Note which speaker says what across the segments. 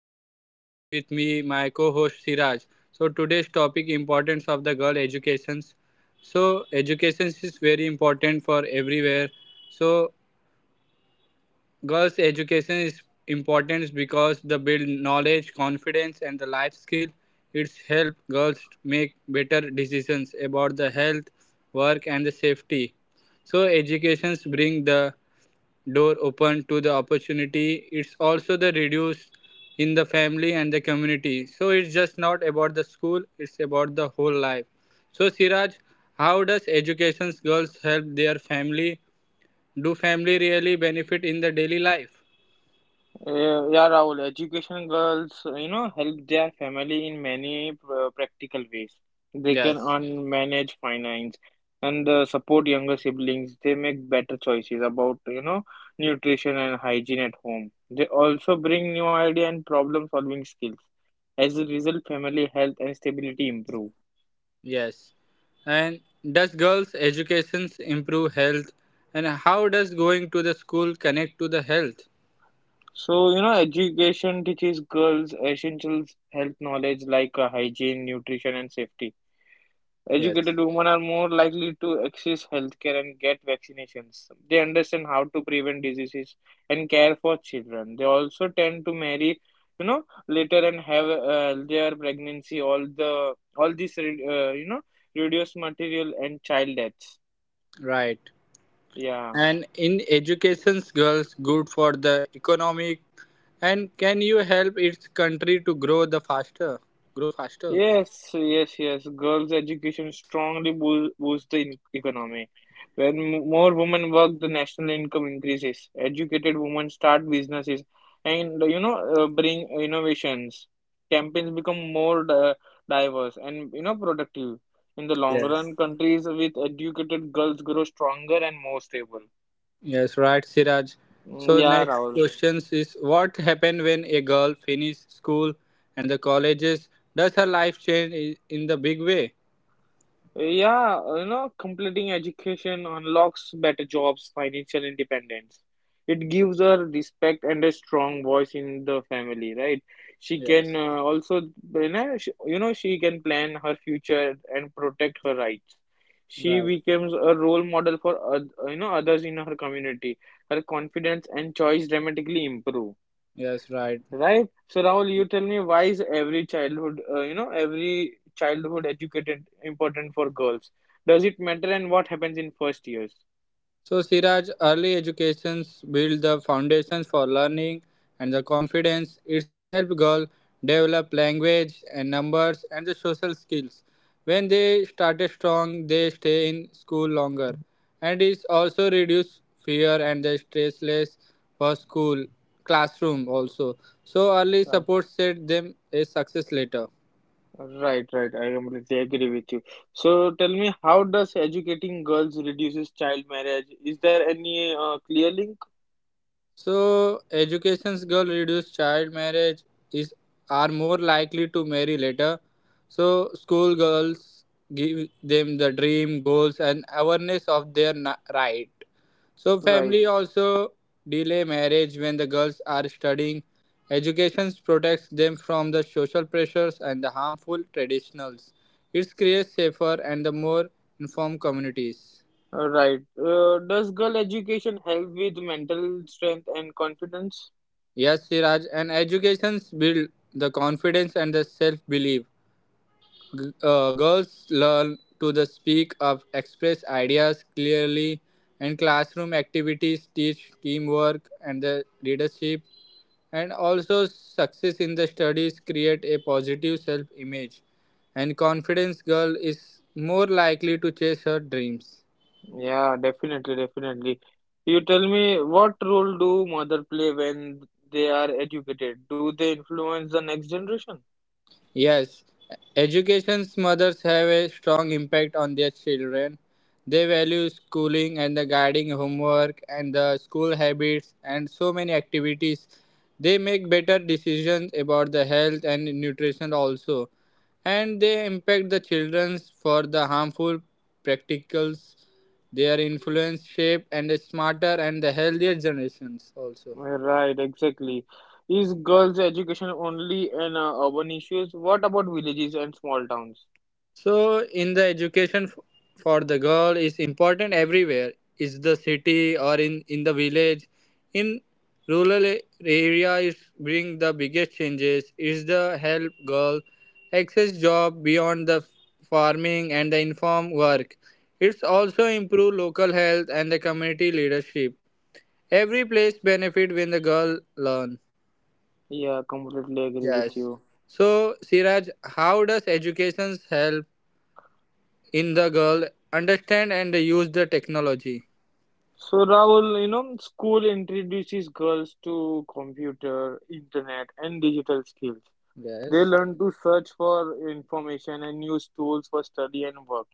Speaker 1: Rahul, and with me my co-host Siraj. So today's topic: importance of the girl educations. So education is very important for everywhere. So girls' education is important because they build knowledge, confidence, and the life skill. It's help girls make better decisions about the health, work, and the safety. So educations bring the door open to the opportunity, it's also the reduce in the family and the community, so it's just not about the school, it's about the whole life. So Siraj, how does education girls help their family? Do family really benefit in the daily life?
Speaker 2: Yeah, Rahul, education girls, help their family in many practical ways. They can
Speaker 1: Yes,
Speaker 2: earn, manage finance, and support younger siblings. They make better choices about, nutrition and hygiene at home. They also bring new idea and problem-solving skills. As a result, family health and stability improve.
Speaker 1: yes, and does girls education improve health, and how does going to the school connect to the health?
Speaker 2: So, education teaches girls essentials health knowledge like hygiene, nutrition, and safety.
Speaker 1: Yes,
Speaker 2: Educated women are more likely to access healthcare and get vaccinations. They understand how to prevent diseases and care for children. They also tend to marry, you know, later and have their pregnancy. All this reduce material and child deaths.
Speaker 1: right.
Speaker 2: Yeah.
Speaker 1: And in education's girls good for the economic, and can you help its country to grow the faster grow faster?
Speaker 2: Yes, yes, yes. Girls' education strongly boosts the economy. When more women work, the national income increases. Educated women start businesses and bring innovations. Campaigns become more diverse and productive. In the long
Speaker 1: Yes,
Speaker 2: run, countries with educated girls grow stronger and more stable.
Speaker 1: yes, right, Siraj. So
Speaker 2: Mm, yeah,
Speaker 1: next
Speaker 2: Rahul.
Speaker 1: questions is, what happen when a girl finish school and the colleges? Does her life change in the big way?
Speaker 2: Yeah, completing education unlocks better jobs, financial independence. It gives her respect and a strong voice in the family, right? She can
Speaker 1: Yes,
Speaker 2: also, you know, she can plan her future and protect her rights. She
Speaker 1: right,
Speaker 2: becomes a role model for others in her community. Her confidence and choice dramatically improve.
Speaker 1: yes, right.
Speaker 2: Right? So Rahul, you tell me, why is every childhood, every childhood educated important for girls? Does it matter and what happens in first years?
Speaker 1: So, Siraj, early educations build the foundations for learning and the confidence. It's helped girls develop language and numbers and the social skills. When they started strong, they stay in school longer. And it's also reduce fear and the stress less for school classroom also. So early
Speaker 2: Right.
Speaker 1: support set them a success later.
Speaker 2: Right, right. I completely agree with you. So tell me, how does educating girls reduces child marriage? Is there any clear link?
Speaker 1: So education's girl reduce child marriage is are more likely to marry later. So school girls give them the dream, goals and awareness of their right. So
Speaker 2: Right,
Speaker 1: family also delay marriage when the girls are studying. Education protects them from the social pressures and the harmful traditionals. It creates safer and the more informed communities.
Speaker 2: right. Does girl education help with mental strength and confidence?
Speaker 1: Yes, Siraj, and educations build the confidence and the self-belief. Girls learn to the speak up, express ideas clearly, and classroom activities teach teamwork and the leadership. And also, success in the studies create a positive self-image, and confidence girl is more likely to chase her dreams.
Speaker 2: Yeah, definitely, definitely. You tell me, what role do mother play when they are educated? Do they influence the next generation?
Speaker 1: Yes, education's mothers have a strong impact on their children. They value schooling and the guiding homework and the school habits and so many activities. They make better decisions about the health and nutrition also. And they impact the children for the harmful practicals. Their influence shape and a smarter and the healthier generations also.
Speaker 2: Right, exactly. Is girls' education only an urban issues? What about villages and small towns?
Speaker 1: So, in the for the girl is important everywhere. Is the city or in the village, in rural area is bring the biggest changes. Is the help girl access job beyond the farming and the inform work. It's also improve local health and the community leadership. Every place benefit when the girl learn.
Speaker 2: Yeah, completely agree with
Speaker 1: Yes.
Speaker 2: you.
Speaker 1: So, Siraj, how does education help in the girl understand and use the technology?
Speaker 2: So, Rahul, school introduces girls to computer, internet, and digital skills. They
Speaker 1: Yes,
Speaker 2: learn to search for information and use tools for study and work.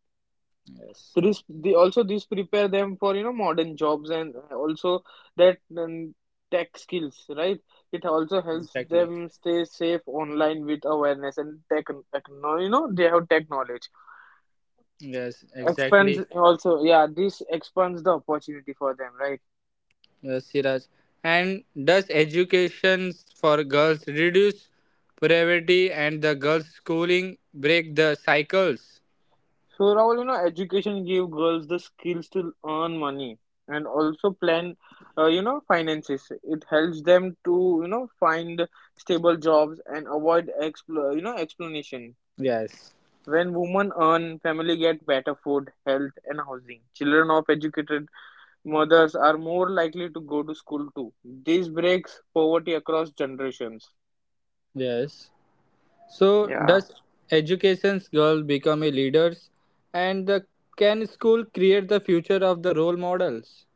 Speaker 1: yes
Speaker 2: So, this they also this prepare them for modern jobs and also that tech skills, right? It also helps
Speaker 1: exactly,
Speaker 2: them stay safe online with awareness and tech, they have tech knowledge
Speaker 1: yes
Speaker 2: expands
Speaker 1: exactly,
Speaker 2: also. Yeah, this expands the opportunity for them, right?
Speaker 1: yes Siraj. And does education for girls reduce poverty, and the girls schooling break the cycles?
Speaker 2: So Rahul, education give girls the skills to earn money and also plan finances. It helps them to find stable jobs and avoid explanation.
Speaker 1: Yes,
Speaker 2: When women earn, families get better food, health, and housing. Children of educated mothers are more likely to go to school too. This breaks poverty across generations.
Speaker 1: yes. So
Speaker 2: Yeah.
Speaker 1: does education's girl become a leaders, and the can school create the future of the role models?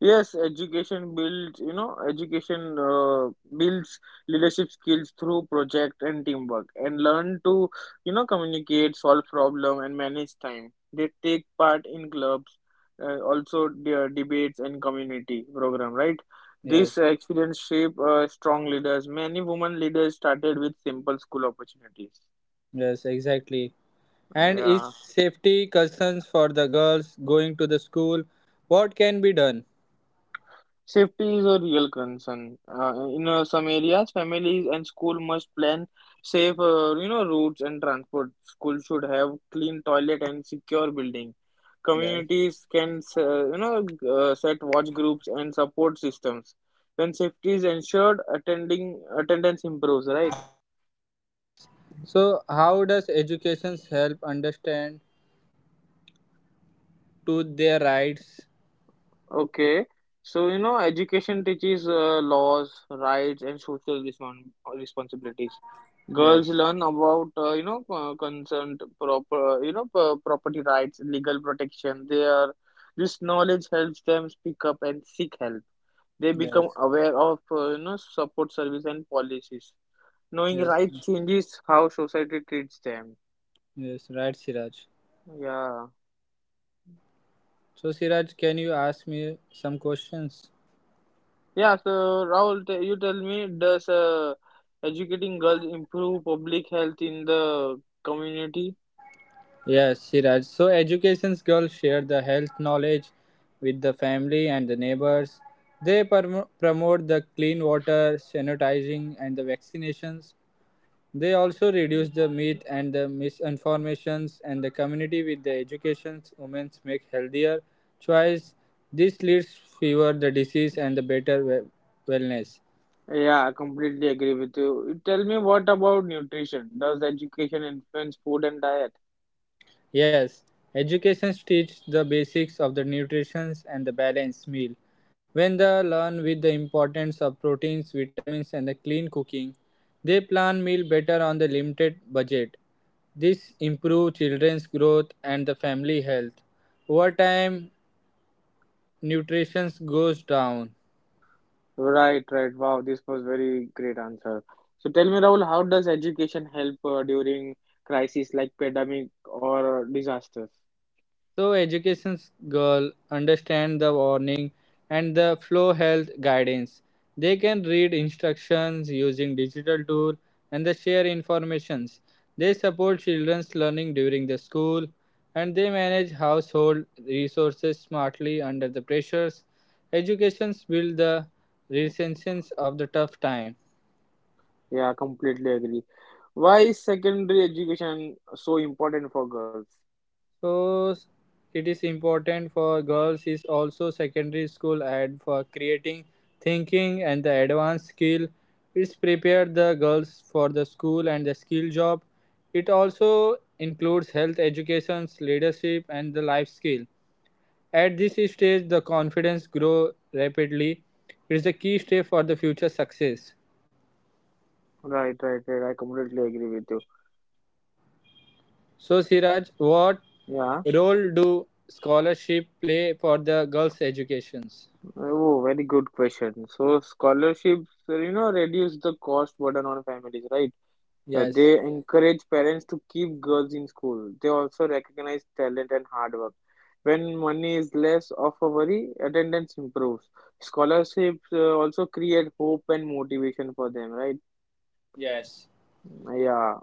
Speaker 2: Yes, education builds leadership skills through project and teamwork and learn to, communicate, solve problem and manage time. They take part in clubs, also their debates and community program, right?
Speaker 1: Yes,
Speaker 2: This experience shape strong leaders. Many women leaders started with simple school opportunities.
Speaker 1: yes exactly. And is
Speaker 2: Yeah.
Speaker 1: safety concerns for the girls going to the school? What can be done?
Speaker 2: Safety is a real concern. In some areas, families and school must plan safe, routes and transport. School should have clean toilet and secure building.
Speaker 1: Yes.
Speaker 2: Communities can, set watch groups and support systems. When safety is ensured, attending attendance improves, right?
Speaker 1: So, how does education help understand to their rights?
Speaker 2: Okay, so education teaches laws, rights, and social responsibilities.
Speaker 1: Yes,
Speaker 2: Girls learn about consent, proper property rights, legal protection. They are This knowledge helps them speak up and seek help. They become
Speaker 1: yes,
Speaker 2: aware of support service and policies. Knowing
Speaker 1: yes,
Speaker 2: right changes how society treats them.
Speaker 1: yes, right, Siraj.
Speaker 2: Yeah.
Speaker 1: So, Siraj, can you ask me some questions?
Speaker 2: Yeah, so Rahul, you tell me, does educating girls improve public health in the community?
Speaker 1: Yes, Siraj. So, education's girls share the health knowledge with the family and the neighbors. They promote the clean water, sanitizing, and the vaccinations. They also reduce the myth and the misinformations, and the community with the educations women make healthier choice. This leads fewer the disease and the better wellness.
Speaker 2: Yeah, I completely agree with you. Tell me, what about nutrition? Does education influence food and diet?
Speaker 1: Yes, education teach the basics of the nutrition and the balanced meal. When they learn with the importance of proteins, vitamins, and the clean cooking, they plan meal better on the limited budget. This improve children's growth and the family health. Over time, nutrition goes down.
Speaker 2: Right, right. Wow, this was very great answer. So tell me, Rahul, how does education help during crises like pandemic or disasters?
Speaker 1: So education girl understand the warning and the flow health guidance. They can read instructions using digital tool, and they share informations. They support children's learning during the school, and they manage household resources smartly under the pressures. Educations build the resilience of the tough time.
Speaker 2: Yeah, completely agree. Why is secondary education so important for girls?
Speaker 1: So s- it is important for girls is also secondary school, and for creating thinking and the advanced skill. It's prepared the girls for the school and the skill job. It also includes health educations, leadership and the life skill. At this stage the confidence grow rapidly. It is a key step for the future success.
Speaker 2: Right, right, right. I completely agree with you.
Speaker 1: So Siraj, what
Speaker 2: Yeah.
Speaker 1: role do scholarship play for the girls' educations?
Speaker 2: Oh, very good question. So scholarships, reduce the cost burden on families, right?
Speaker 1: Yes.
Speaker 2: They encourage parents to keep girls in school. They also recognize talent and hard work. When money is less of a worry, attendance improves. Scholarships also create hope and motivation for them, right?
Speaker 1: Yes.
Speaker 2: Yeah.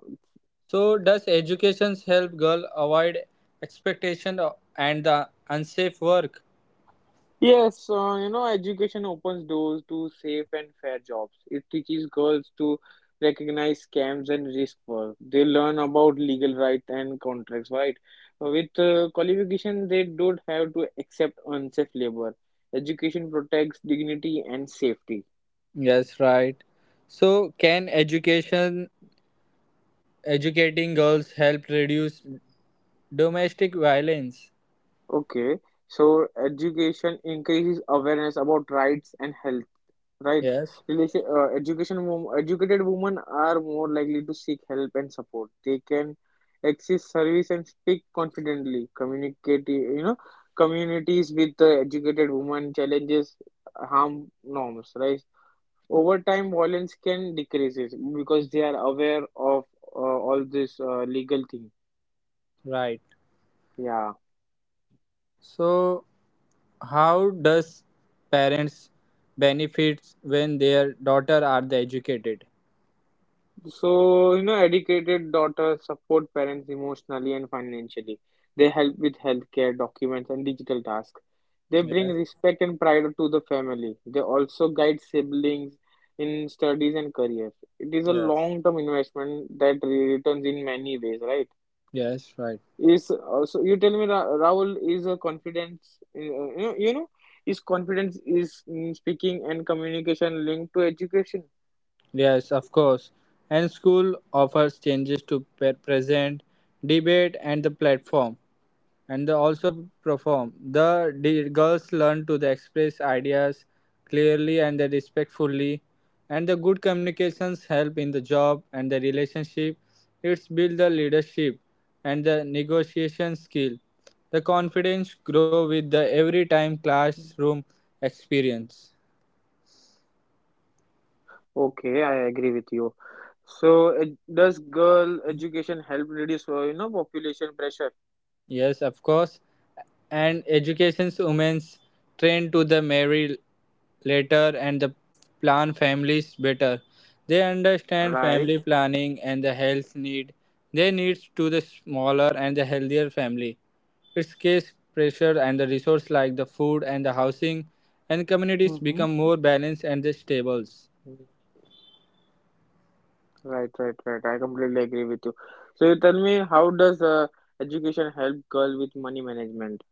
Speaker 1: So does education help girl avoid expectation and the unsafe work?
Speaker 2: Yes, education opens doors to safe and fair jobs. It teaches girls to recognize scams and risk work. They learn about legal rights and contracts, right? With qualification, they don't have to accept unsafe labor. Education protects dignity and safety.
Speaker 1: Yes, right. So can education educating girls help reduce domestic violence?
Speaker 2: Okay, so education increases awareness about rights and health, right?
Speaker 1: Yes,
Speaker 2: Educated women are more likely to seek help and support. They can access service and speak confidently. Communities with educated women challenges harm norms, right? Over time, violence can decreases because they are aware of uh, all this legal thing.
Speaker 1: right.
Speaker 2: Yeah.
Speaker 1: So how does parents benefit when their daughter are the educated?
Speaker 2: So, educated daughters support parents emotionally and financially. They help with healthcare, documents, and digital tasks. They bring
Speaker 1: Yes,
Speaker 2: respect and pride to the family. They also guide siblings in studies and careers. It is a
Speaker 1: yes.
Speaker 2: long-term investment that returns in many ways, right?
Speaker 1: Yes, right.
Speaker 2: Is also, you tell me, Rahul, is a confidence, is confidence is in speaking and communication linked to education?
Speaker 1: Yes, of course. And school offers changes to present, debate, and the platform, and they also perform. Girls learn to the express ideas clearly and the respectfully, and the good communications help in the job and the relationship. It's build the leadership and the negotiation skill. The confidence grow with the every time classroom experience.
Speaker 2: Okay, I agree with you. So, does girl education help reduce, population pressure?
Speaker 1: Yes, of course. And education's women's trained to the marry later and the plan families better. They understand family
Speaker 2: Right,
Speaker 1: planning and the health need. They needs to the smaller and the healthier family. Its case pressure and the resource like the food and the housing, and communities become
Speaker 2: hmm.
Speaker 1: more balanced and the stables.
Speaker 2: Mm. Right, right, right. I completely agree with you. So, you tell me, how does education help girl with money management?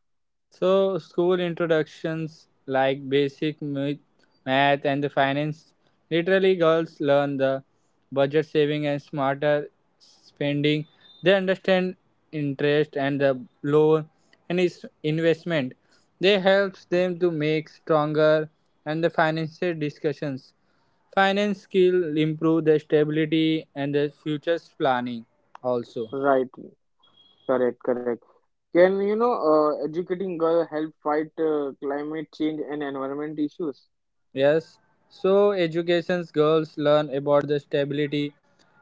Speaker 1: So, school introductions like basic math and the finance. Literally, girls learn the budget saving and smarter spending. They understand interest and the loan and its investment. They helps them to make stronger and the financial discussions. Finance skill improve the stability and the futures planning also.
Speaker 2: Right, correct, correct. Can, educating girl help fight climate change and environment issues?
Speaker 1: Yes, so education's girls learn about the stability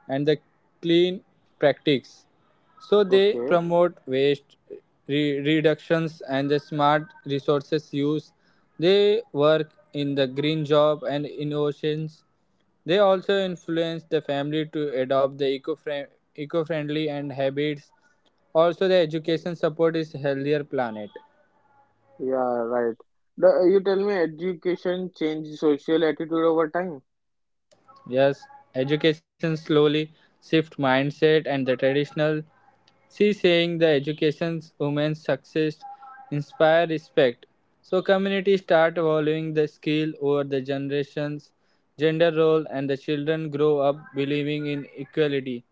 Speaker 1: and the clean practice. So they
Speaker 2: Okay,
Speaker 1: promote waste reductions and the smart resources use. They work in the green job and innovations. They also influence the family to adopt the eco-friendly and habits. Also, the education support is healthier planet.
Speaker 2: yeah, right. The, you tell me, education change social attitude over time.
Speaker 1: Yes, education slowly shift mindset and the traditional. She saying the education's women's success inspire respect. So community start valuing the skill over the generations, gender role, and the children grow up believing in equality.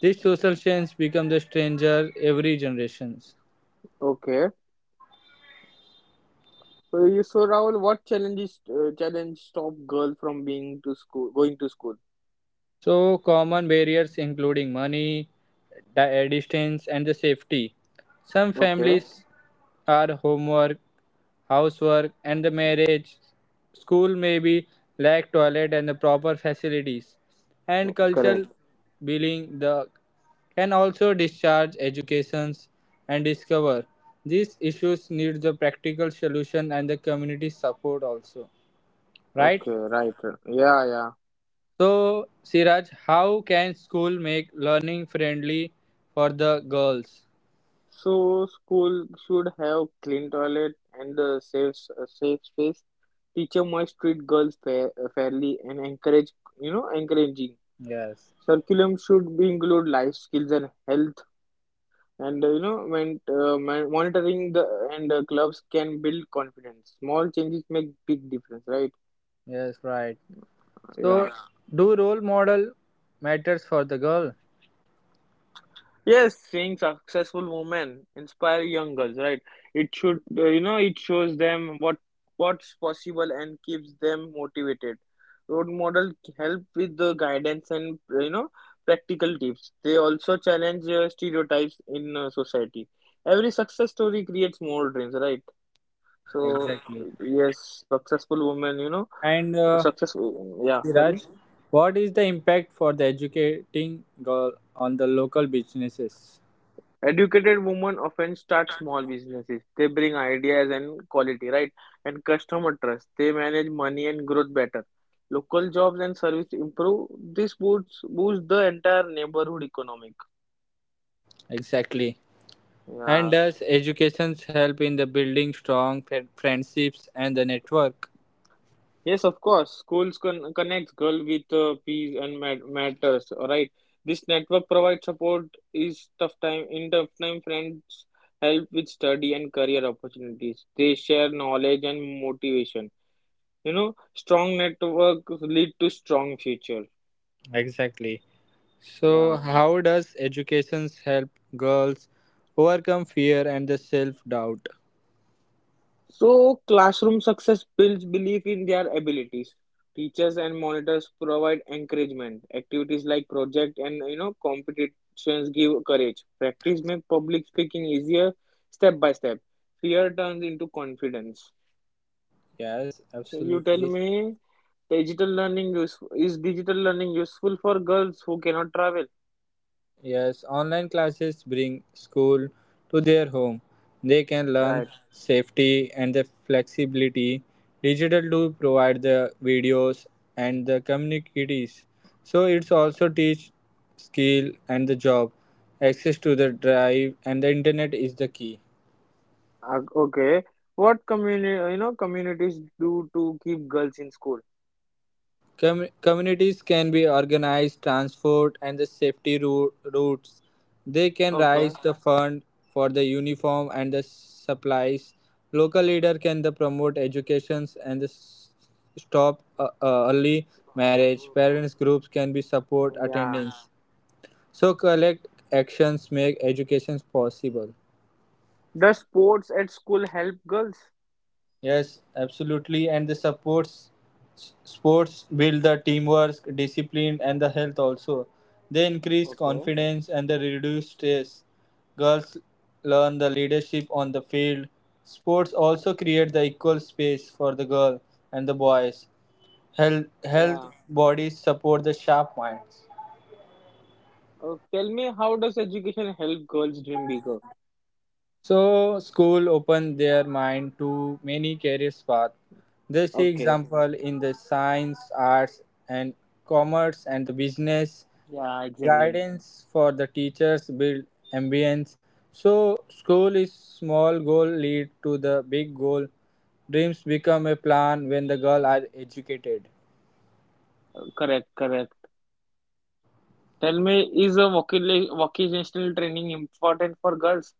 Speaker 1: This social change become the stranger every generations.
Speaker 2: Okay. So Rahul, what challenge stop girl from being to school going to school?
Speaker 1: So, common barriers including money, distance, and the safety. Some
Speaker 2: Okay,
Speaker 1: families are homework, housework, and the marriage. School may be lack toilet and the proper facilities. And cultural
Speaker 2: correct.
Speaker 1: billing the can also discharge educations and discover. These issues need the practical solution and the community support also. Right?
Speaker 2: Okay, right. Yeah, yeah.
Speaker 1: So, Siraj, how can school make learning friendly for the girls?
Speaker 2: So school should have clean toilet and a a safe space. Teacher must treat girls fairly and encourage encouraging.
Speaker 1: Yes,
Speaker 2: Curriculum should be include life skills and health and monitoring the and clubs can build confidence. Small changes make big difference, right?
Speaker 1: yes, right. So,
Speaker 2: Yeah.
Speaker 1: yeah, do role model matters for the girl?
Speaker 2: Yes, seeing successful women inspire young girls, right? It should, it shows them what's possible and keeps them motivated. Role model help with the guidance and practical tips. They also challenge stereotypes in society. Every success story creates more dreams, right? So
Speaker 1: Exactly.
Speaker 2: yes, successful women,
Speaker 1: And
Speaker 2: successful. Yeah, sorry.
Speaker 1: Siraj, what is the impact for the educating girl on the local businesses?
Speaker 2: Educated women often start small businesses. They bring ideas and quality, right? And customer trust. They manage money and growth better. Local jobs and service improve. This boosts the entire neighborhood economic.
Speaker 1: Exactly. And
Speaker 2: Yeah.
Speaker 1: does education help in the building strong friendships and the network?
Speaker 2: Yes, of course. Schools connects girl with peas and matters. All right. This network provides support is tough time in tough time. Friends help with study and career opportunities. They share knowledge and motivation. You know, strong network lead to strong future.
Speaker 1: Exactly. So,
Speaker 2: Yeah.
Speaker 1: how does education help girls overcome fear and the self doubt?
Speaker 2: So classroom success builds belief in their abilities. Teachers and monitors provide encouragement. Activities like project and competitions give courage. Practice makes public speaking easier step by step. Fear turns into confidence.
Speaker 1: Yes,
Speaker 2: So you tell
Speaker 1: absolutely.
Speaker 2: me, is digital learning useful for girls who cannot travel?
Speaker 1: Yes, online classes bring school to their home. They can learn
Speaker 2: Right.
Speaker 1: safety and the flexibility. Digital to provide the videos and the communities. So it's also teach skill and the job. Access to the drive and the internet is the key.
Speaker 2: Okay. What community, communities do to keep girls in school?
Speaker 1: Communities can be organized, transport, and the safety routes. They can raise
Speaker 2: Okay.
Speaker 1: the fund for the uniform and the supplies. Local leader can the promote educations and the stop early marriage. Parents groups can be support
Speaker 2: Yeah.
Speaker 1: attendance. So collect actions make educations possible.
Speaker 2: Does sports at school help girls?
Speaker 1: Yes, absolutely. And the supports sports build the teamwork, discipline, and the health also. They increase
Speaker 2: Okay.
Speaker 1: confidence and they reduce stress. Girls learn the leadership on the field. Sports also create the equal space for the girl and the boys. Health, health
Speaker 2: Yeah.
Speaker 1: bodies support the sharp minds.
Speaker 2: Oh, tell me, how does education help girls dream bigger?
Speaker 1: So school opened their mind to many career paths. They see
Speaker 2: Okay.
Speaker 1: example in the science, arts and commerce and the business.
Speaker 2: Yeah, exactly.
Speaker 1: Guidance for the teachers build ambience. So school is small goal lead to the big goal. Dreams become a plan when the girl are educated.
Speaker 2: Correct, correct. Tell me, is a vocational training important for girls?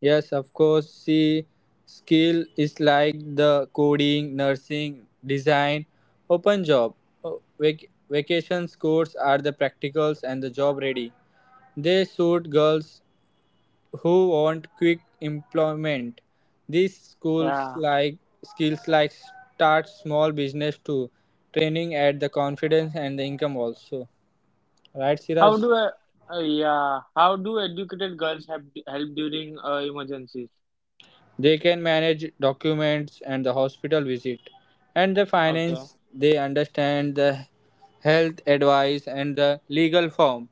Speaker 1: Yes, of course. See, skill is like the coding, nursing, design, open job. Oh, vacation courses are the practicals and the job ready. They suit girls who want quick employment. These schools
Speaker 2: Yeah.
Speaker 1: like skills like start small business too, training at the confidence and the income also. Right,
Speaker 2: How
Speaker 1: Siraj?
Speaker 2: do I, yeah, how do educated girls help during emergencies?
Speaker 1: They can manage documents and the hospital visit and the
Speaker 2: Okay.
Speaker 1: finance. They understand the health advice and the legal form.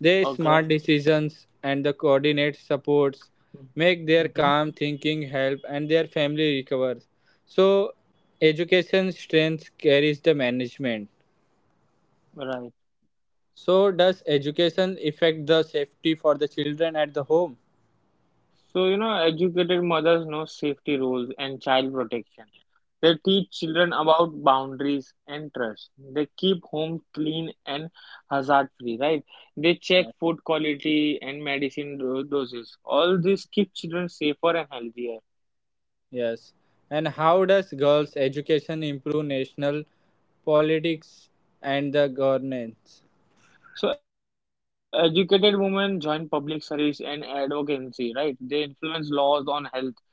Speaker 1: They
Speaker 2: Okay.
Speaker 1: smart decisions and the coordinate supports make their
Speaker 2: Mm-hmm.
Speaker 1: calm thinking help and their family recovers. So education strength carries the management.
Speaker 2: Right.
Speaker 1: So does education affect the safety for the children at the home?
Speaker 2: So, educated mothers know safety rules and child protection. They teach children about boundaries and trust. They keep home clean and hazard free, right? They check food quality and medicine doses. All this keep children safer and healthier.
Speaker 1: Yes. And how does girls' education improve national politics and the governance?
Speaker 2: So, educated women join public service and advocacy, right? They influence laws on health,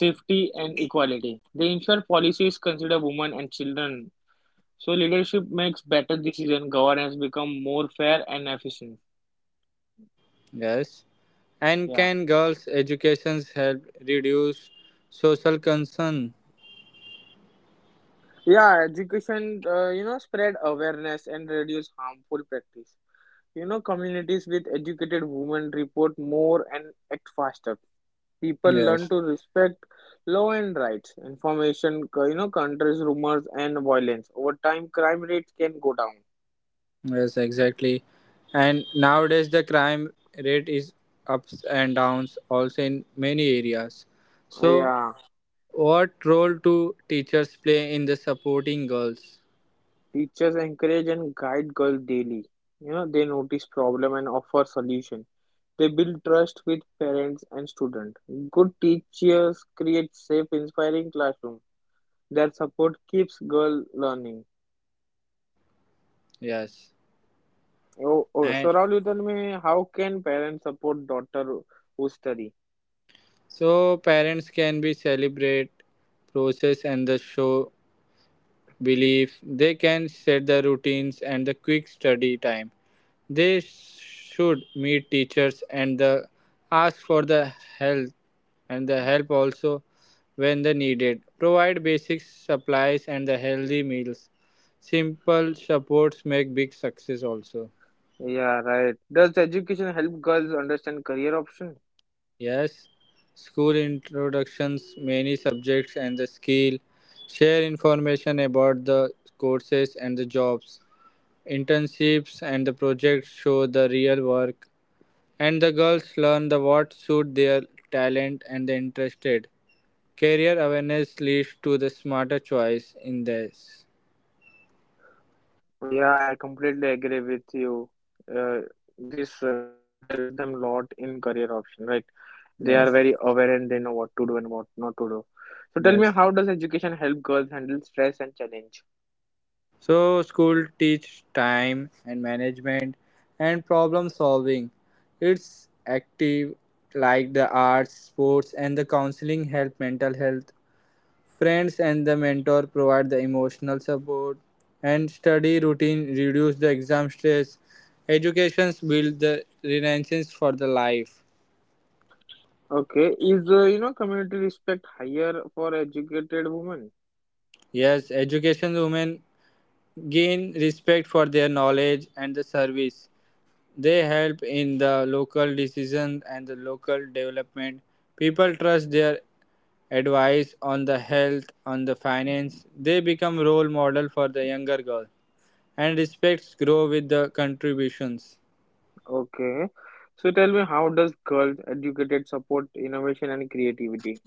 Speaker 2: safety, and equality. They ensure policies consider women and children. So leadership makes better decision, governance become more fair and efficient.
Speaker 1: Yes. And can
Speaker 2: Yeah.
Speaker 1: girls' education help reduce social concern?
Speaker 2: Yeah, education, spread awareness and reduce harmful practice. You know, communities with educated women report more and act faster. People
Speaker 1: Yes.
Speaker 2: learn to respect law and rights, information, counters rumors, and violence. Over time, crime rates can go down.
Speaker 1: Yes, exactly. And nowadays the crime rate is ups and downs also in many areas. So
Speaker 2: Yeah,
Speaker 1: what role do teachers play in the supporting girls?
Speaker 2: teachers encourage and guide girls daily. You know, they notice problem and offer solution. They build trust with parents and students. Good teachers create safe, inspiring classroom. Their support keeps girl learning.
Speaker 1: Yes.
Speaker 2: Oh,
Speaker 1: And
Speaker 2: so Rahul, you tell me, how can parents support daughter who study?
Speaker 1: So parents can be celebrate process and the show belief. They can set the routines and the quick study time. They should meet teachers and the ask for the help and the help also when the needed. Provide basic supplies and the healthy meals. Simple supports make big success also.
Speaker 2: Yeah, right. Does education help girls understand career option?
Speaker 1: Yes, school introductions, many subjects and the skill, share information about the courses and the jobs, internships and the projects show the real work, and the girls learn the what suit their talent and the interested. Career awareness leads to the smarter choice in this.
Speaker 2: Well, yeah, I completely agree with you. Uh, this education helps them a lot in career option, right? They are very aware and they know what to do
Speaker 1: Yes,
Speaker 2: and what not to do. So tell me, how does education help
Speaker 1: yes.
Speaker 2: girls handle stress and challenge?
Speaker 1: So school teach time and management and problem solving. It's active like the arts, sports and the counseling help mental health. Friends and the mentor provide the emotional support and study routine reduce the exam stress. Educations build the renaissance for the life.
Speaker 2: Okay, is community respect higher for educated women?
Speaker 1: Yes, education women gain respect for their knowledge and the service. They help in the local decision and the local development. People trust their advice on the health, on the finance. They become role model for the younger girl and respects grow with the contributions.
Speaker 2: Okay, so tell me, how does girls educated support innovation and creativity?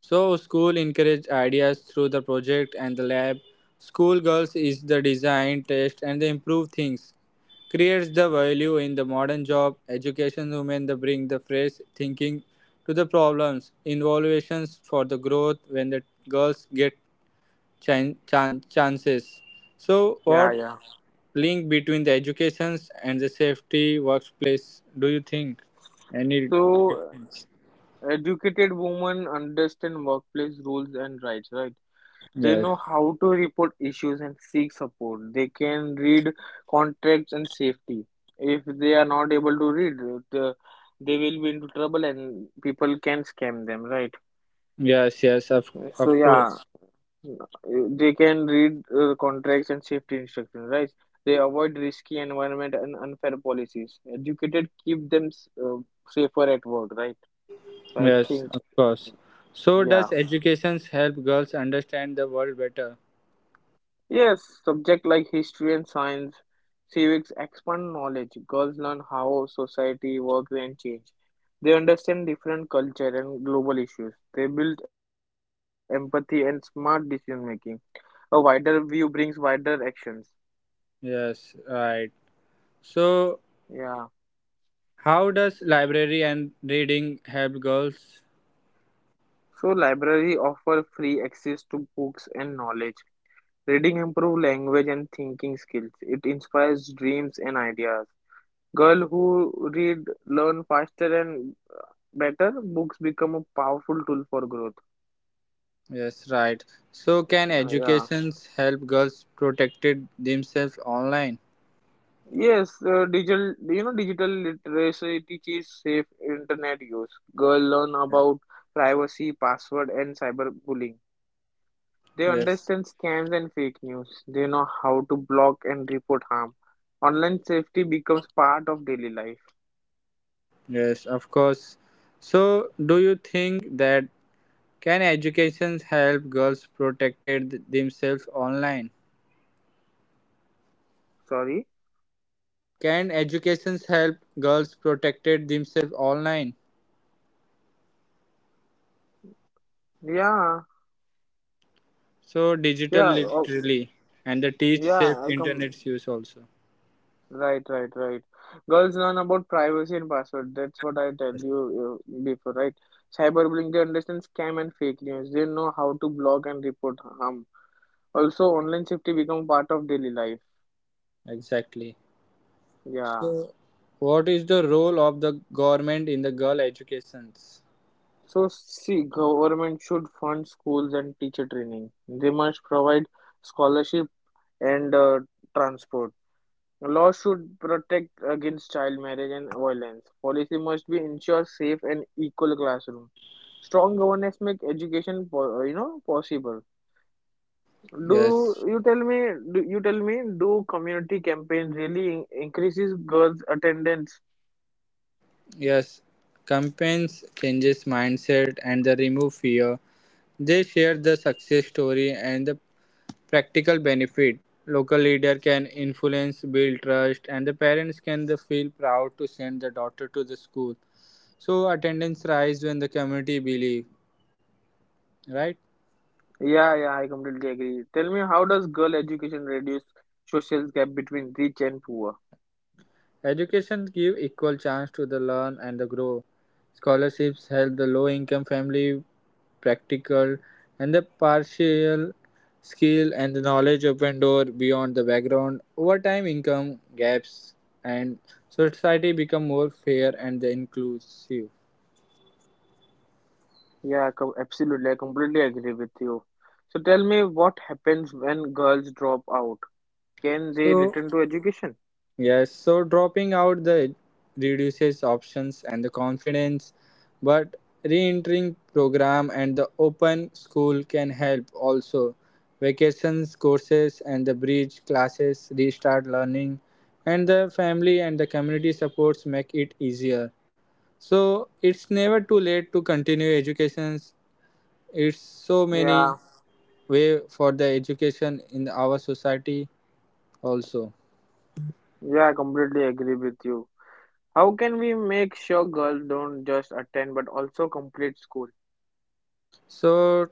Speaker 1: So school encourage ideas through the project and the lab. School girls is the design, test and the improve things. Creates the value in the modern job. Education women the bring the fresh thinking to the problems. Innovations for the growth when the girls get chances. So
Speaker 2: Yeah,
Speaker 1: what
Speaker 2: yeah.
Speaker 1: link between the educations and the safety workplace do you think? Any
Speaker 2: So
Speaker 1: difference?
Speaker 2: Educated women understand workplace rules and rights, right? They
Speaker 1: Yes.
Speaker 2: know how to report issues and seek support. They can read contracts and safety. If they are not able to read, the, they will be into trouble and people can scam them, right?
Speaker 1: Yes, yes, of
Speaker 2: So
Speaker 1: of
Speaker 2: yeah,
Speaker 1: course.
Speaker 2: they can read contracts and safety instructions, right? They avoid risky environment and unfair policies. Educated keep them safer at work, right? So I
Speaker 1: Yes,
Speaker 2: think,
Speaker 1: of course. So does
Speaker 2: yeah.
Speaker 1: education help girls understand the world better?
Speaker 2: Yes, subject like history and science, civics expand knowledge. Girls learn how society works and change. They understand different culture and global issues. They build empathy and smart decision making. A wider view brings wider actions.
Speaker 1: Yes, right. So
Speaker 2: Yeah.
Speaker 1: how does library and reading help girls?
Speaker 2: So library offer free access to books and knowledge. Reading improve language and thinking skills. It inspires dreams and ideas. Girl who read learn faster and better. Books become a powerful tool for growth.
Speaker 1: Yes, right. So can
Speaker 2: Yeah
Speaker 1: educations help girls protected themselves online?
Speaker 2: yes digital you know Digital literacy teaches safe internet use. Girl learn about privacy, password, and cyberbullying. They
Speaker 1: Yes.
Speaker 2: understand scams and fake news. They know how to block and report harm. Online safety becomes part of daily life.
Speaker 1: Yes, of course. So do you think that can educations help girls protected themselves online?
Speaker 2: Sorry.
Speaker 1: Can educations help girls protected themselves online?
Speaker 2: Yeah,
Speaker 1: So
Speaker 2: yeah.
Speaker 1: digital
Speaker 2: Oh,
Speaker 1: literally and the teach
Speaker 2: yeah,
Speaker 1: safe
Speaker 2: I come
Speaker 1: internet use also.
Speaker 2: right, right, right. Girls learn about privacy and password. That's what I tell
Speaker 1: Yes.
Speaker 2: you before, right? Cyberbullying, they understand scam and fake news. They know how to block and report harm. Also, online safety become part of daily life.
Speaker 1: Exactly.
Speaker 2: Yeah.
Speaker 1: So what is the role of the government in the girl educations?
Speaker 2: So, see, government should fund schools and teacher training. They must provide scholarship and transport. Law should protect against child marriage and violence. Policy must be ensure safe and equal classroom. Strong governance make education, possible. Do
Speaker 1: Yes.
Speaker 2: you tell me? Do you tell me? Do community campaigns really increases girls' attendance?
Speaker 1: Yes. Campaigns changes mindset and the remove fear. They share the success story and the practical benefit. Local leader can influence, build trust, and the parents can the feel proud to send the daughter to the school. So attendance rise when the community believe, right?
Speaker 2: Yeah, yeah, I completely agree. Tell me, how does girl education reduce social gap between rich and poor?
Speaker 1: Education give equal chance to the learn and the grow. Scholarships help the low income family practical and the partial skill and the knowledge open door beyond the background. Over time income gaps and society become more fair and the inclusive.
Speaker 2: Yeah, I absolutely. I completely agree with you. So tell me, what happens when girls drop out? Can they
Speaker 1: So
Speaker 2: return to education?
Speaker 1: yes, so dropping out the reduces options and the confidence, but re-entering program and the open school can help also. Vacations courses and the bridge classes restart learning and the family and the community supports make it easier. So it's never too late to continue educations. It's so many
Speaker 2: Yeah,
Speaker 1: way for the education in our society also.
Speaker 2: yeah, I completely agree with you. How can we make sure girls don't just attend but also complete school?
Speaker 1: So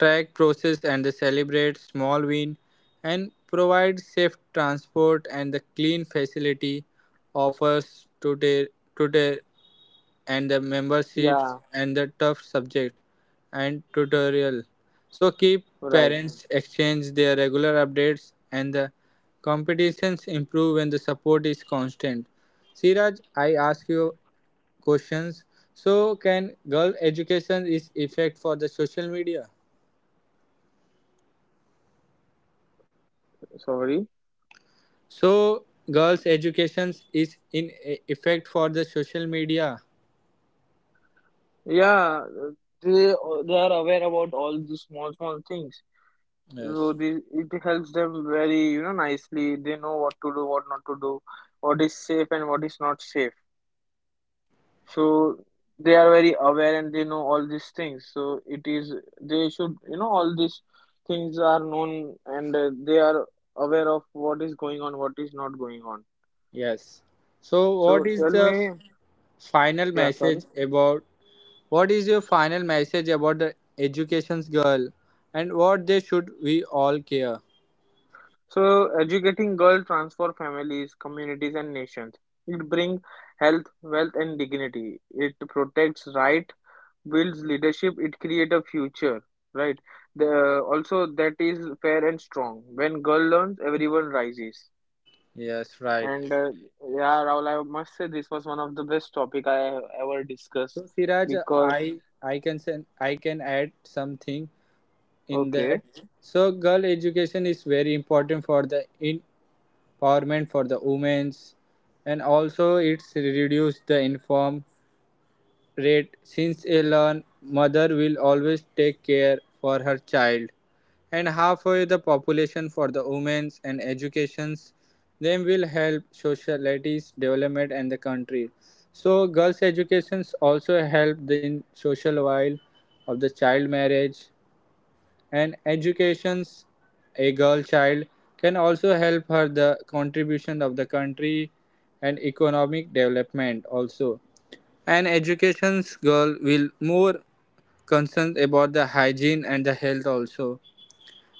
Speaker 1: track process and the celebrate small win and provide safe transport and the clean facility offers today tutor and the memberships
Speaker 2: Yeah,
Speaker 1: and the tough subject and tutorial. So keep
Speaker 2: right.
Speaker 1: parents exchange their regular updates and the competitions improve when the support is constant. Siraj, I ask you questions. So, can girl education is effect for the social media?
Speaker 2: Sorry.
Speaker 1: So, girls' education is in effect for the social media.
Speaker 2: Yeah, they they are aware about all these small small things. So
Speaker 1: Yes.
Speaker 2: they, it helps them very, you know, nicely. They know what to do, what not to do, what is safe and what is not safe. So they are very aware and they know all these things. So it is they should, you know, all these things are known, and they are aware of what is going on, what is not going on.
Speaker 1: Yes. So,
Speaker 2: So
Speaker 1: what is
Speaker 2: tell
Speaker 1: the
Speaker 2: me,
Speaker 1: final
Speaker 2: yeah, sorry.
Speaker 1: message about? What is your final message about the education's girl, and what they should we all care?
Speaker 2: So educating girls transform families, communities, and nations. It brings health, wealth, and dignity. It protects right, builds leadership. It creates a future, right? The also that is fair and strong. When girl learns, everyone rises.
Speaker 1: Yes, right.
Speaker 2: And Yeah, Rahul, I must say this was one of the best topic I have ever discussed
Speaker 1: So Siraj,
Speaker 2: because
Speaker 1: I can send I can add something in
Speaker 2: okay,
Speaker 1: that. So girl education is very important for the empowerment for the women's, and also it's reduce the inform rate since a learn mother will always take care for her child and halfway the population for the women's and educations them will help societies development and the country. So girls educations also help in social while of the child marriage, and educations a girl child can also help her the contribution of the country and economic development also. And education's girl will more concerned about the hygiene and the health also,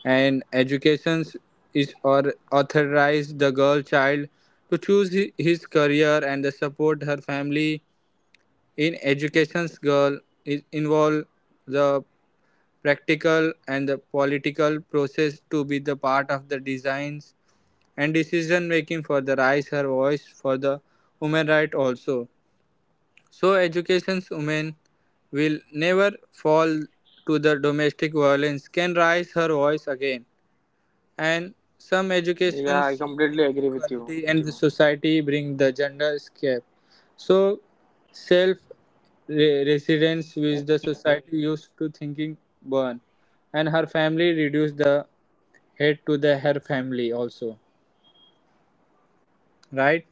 Speaker 1: and education's is or authorize the girl child to choose his career and the support her family in education's girl is involve the practical and the political process to be the part of the designs and decision making for the rise her voice for the women right also. So education's women will never fall to the domestic violence, can rise her voice again, and
Speaker 2: yeah, I
Speaker 1: some
Speaker 2: completely agree with
Speaker 1: educations
Speaker 2: you.
Speaker 1: bring equality and the society bring the gender gap. So self
Speaker 2: Absolutely.
Speaker 1: residence with the society used to thinking born and her family reduce the hate to the her family also,
Speaker 2: Yeah.
Speaker 1: right?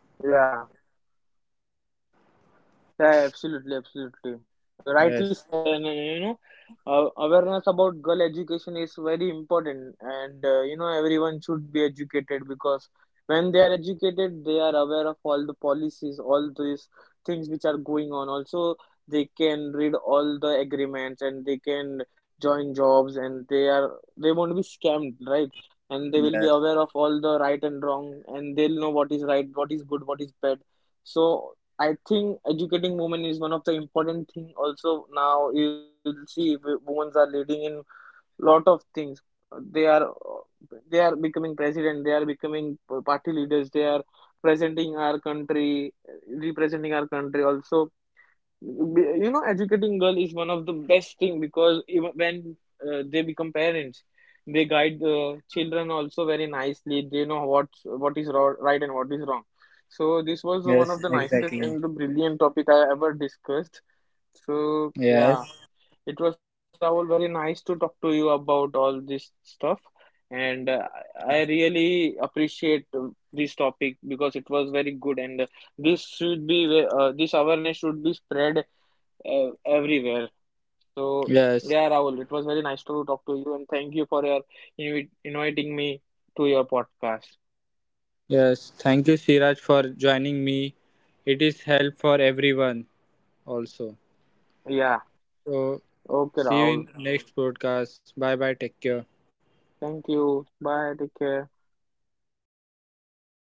Speaker 2: Yeah, absolutely, absolutely. Rightly said, and uh, you
Speaker 1: Yes,
Speaker 2: know, uh, awareness about girl education is very important, and everyone should be educated, because when they are educated, they are aware of all the policies, all these things which are going on. Also, they can read all the agreements and they can join jobs, and they won't be scammed, right? And they will be aware of
Speaker 1: yes,
Speaker 2: all the right and wrong, and they'll know what is right, what is good, what is bad. So I think educating women is one of the important thing. Also now you'll see women are leading in lot of things. They are uh, they are becoming president. They are becoming party leaders. They are presenting our country, representing our country. Also, you know, educating girl is one of the best thing, because even when they become parents, they guide the children also very nicely. They know what is right and what is wrong. So this
Speaker 1: yes,
Speaker 2: was one of the
Speaker 1: exactly.
Speaker 2: nicest and the brilliant topic I ever discussed. So
Speaker 1: Yes,
Speaker 2: yeah, it was Rahul very nice to talk to you about all this stuff, and I really appreciate this topic, because it was very good, and this awareness should be spread everywhere. So
Speaker 1: yes,
Speaker 2: yeah, Rahul, it was very nice to talk to you, and thank you for your inviting me to your podcast.
Speaker 1: yes, thank you Siraj for joining me. It is help for everyone also.
Speaker 2: Yeah,
Speaker 1: So
Speaker 2: okay,
Speaker 1: see you
Speaker 2: Rahul.
Speaker 1: in next podcast. Bye bye. Take care.
Speaker 2: Thank you. Bye. Take care.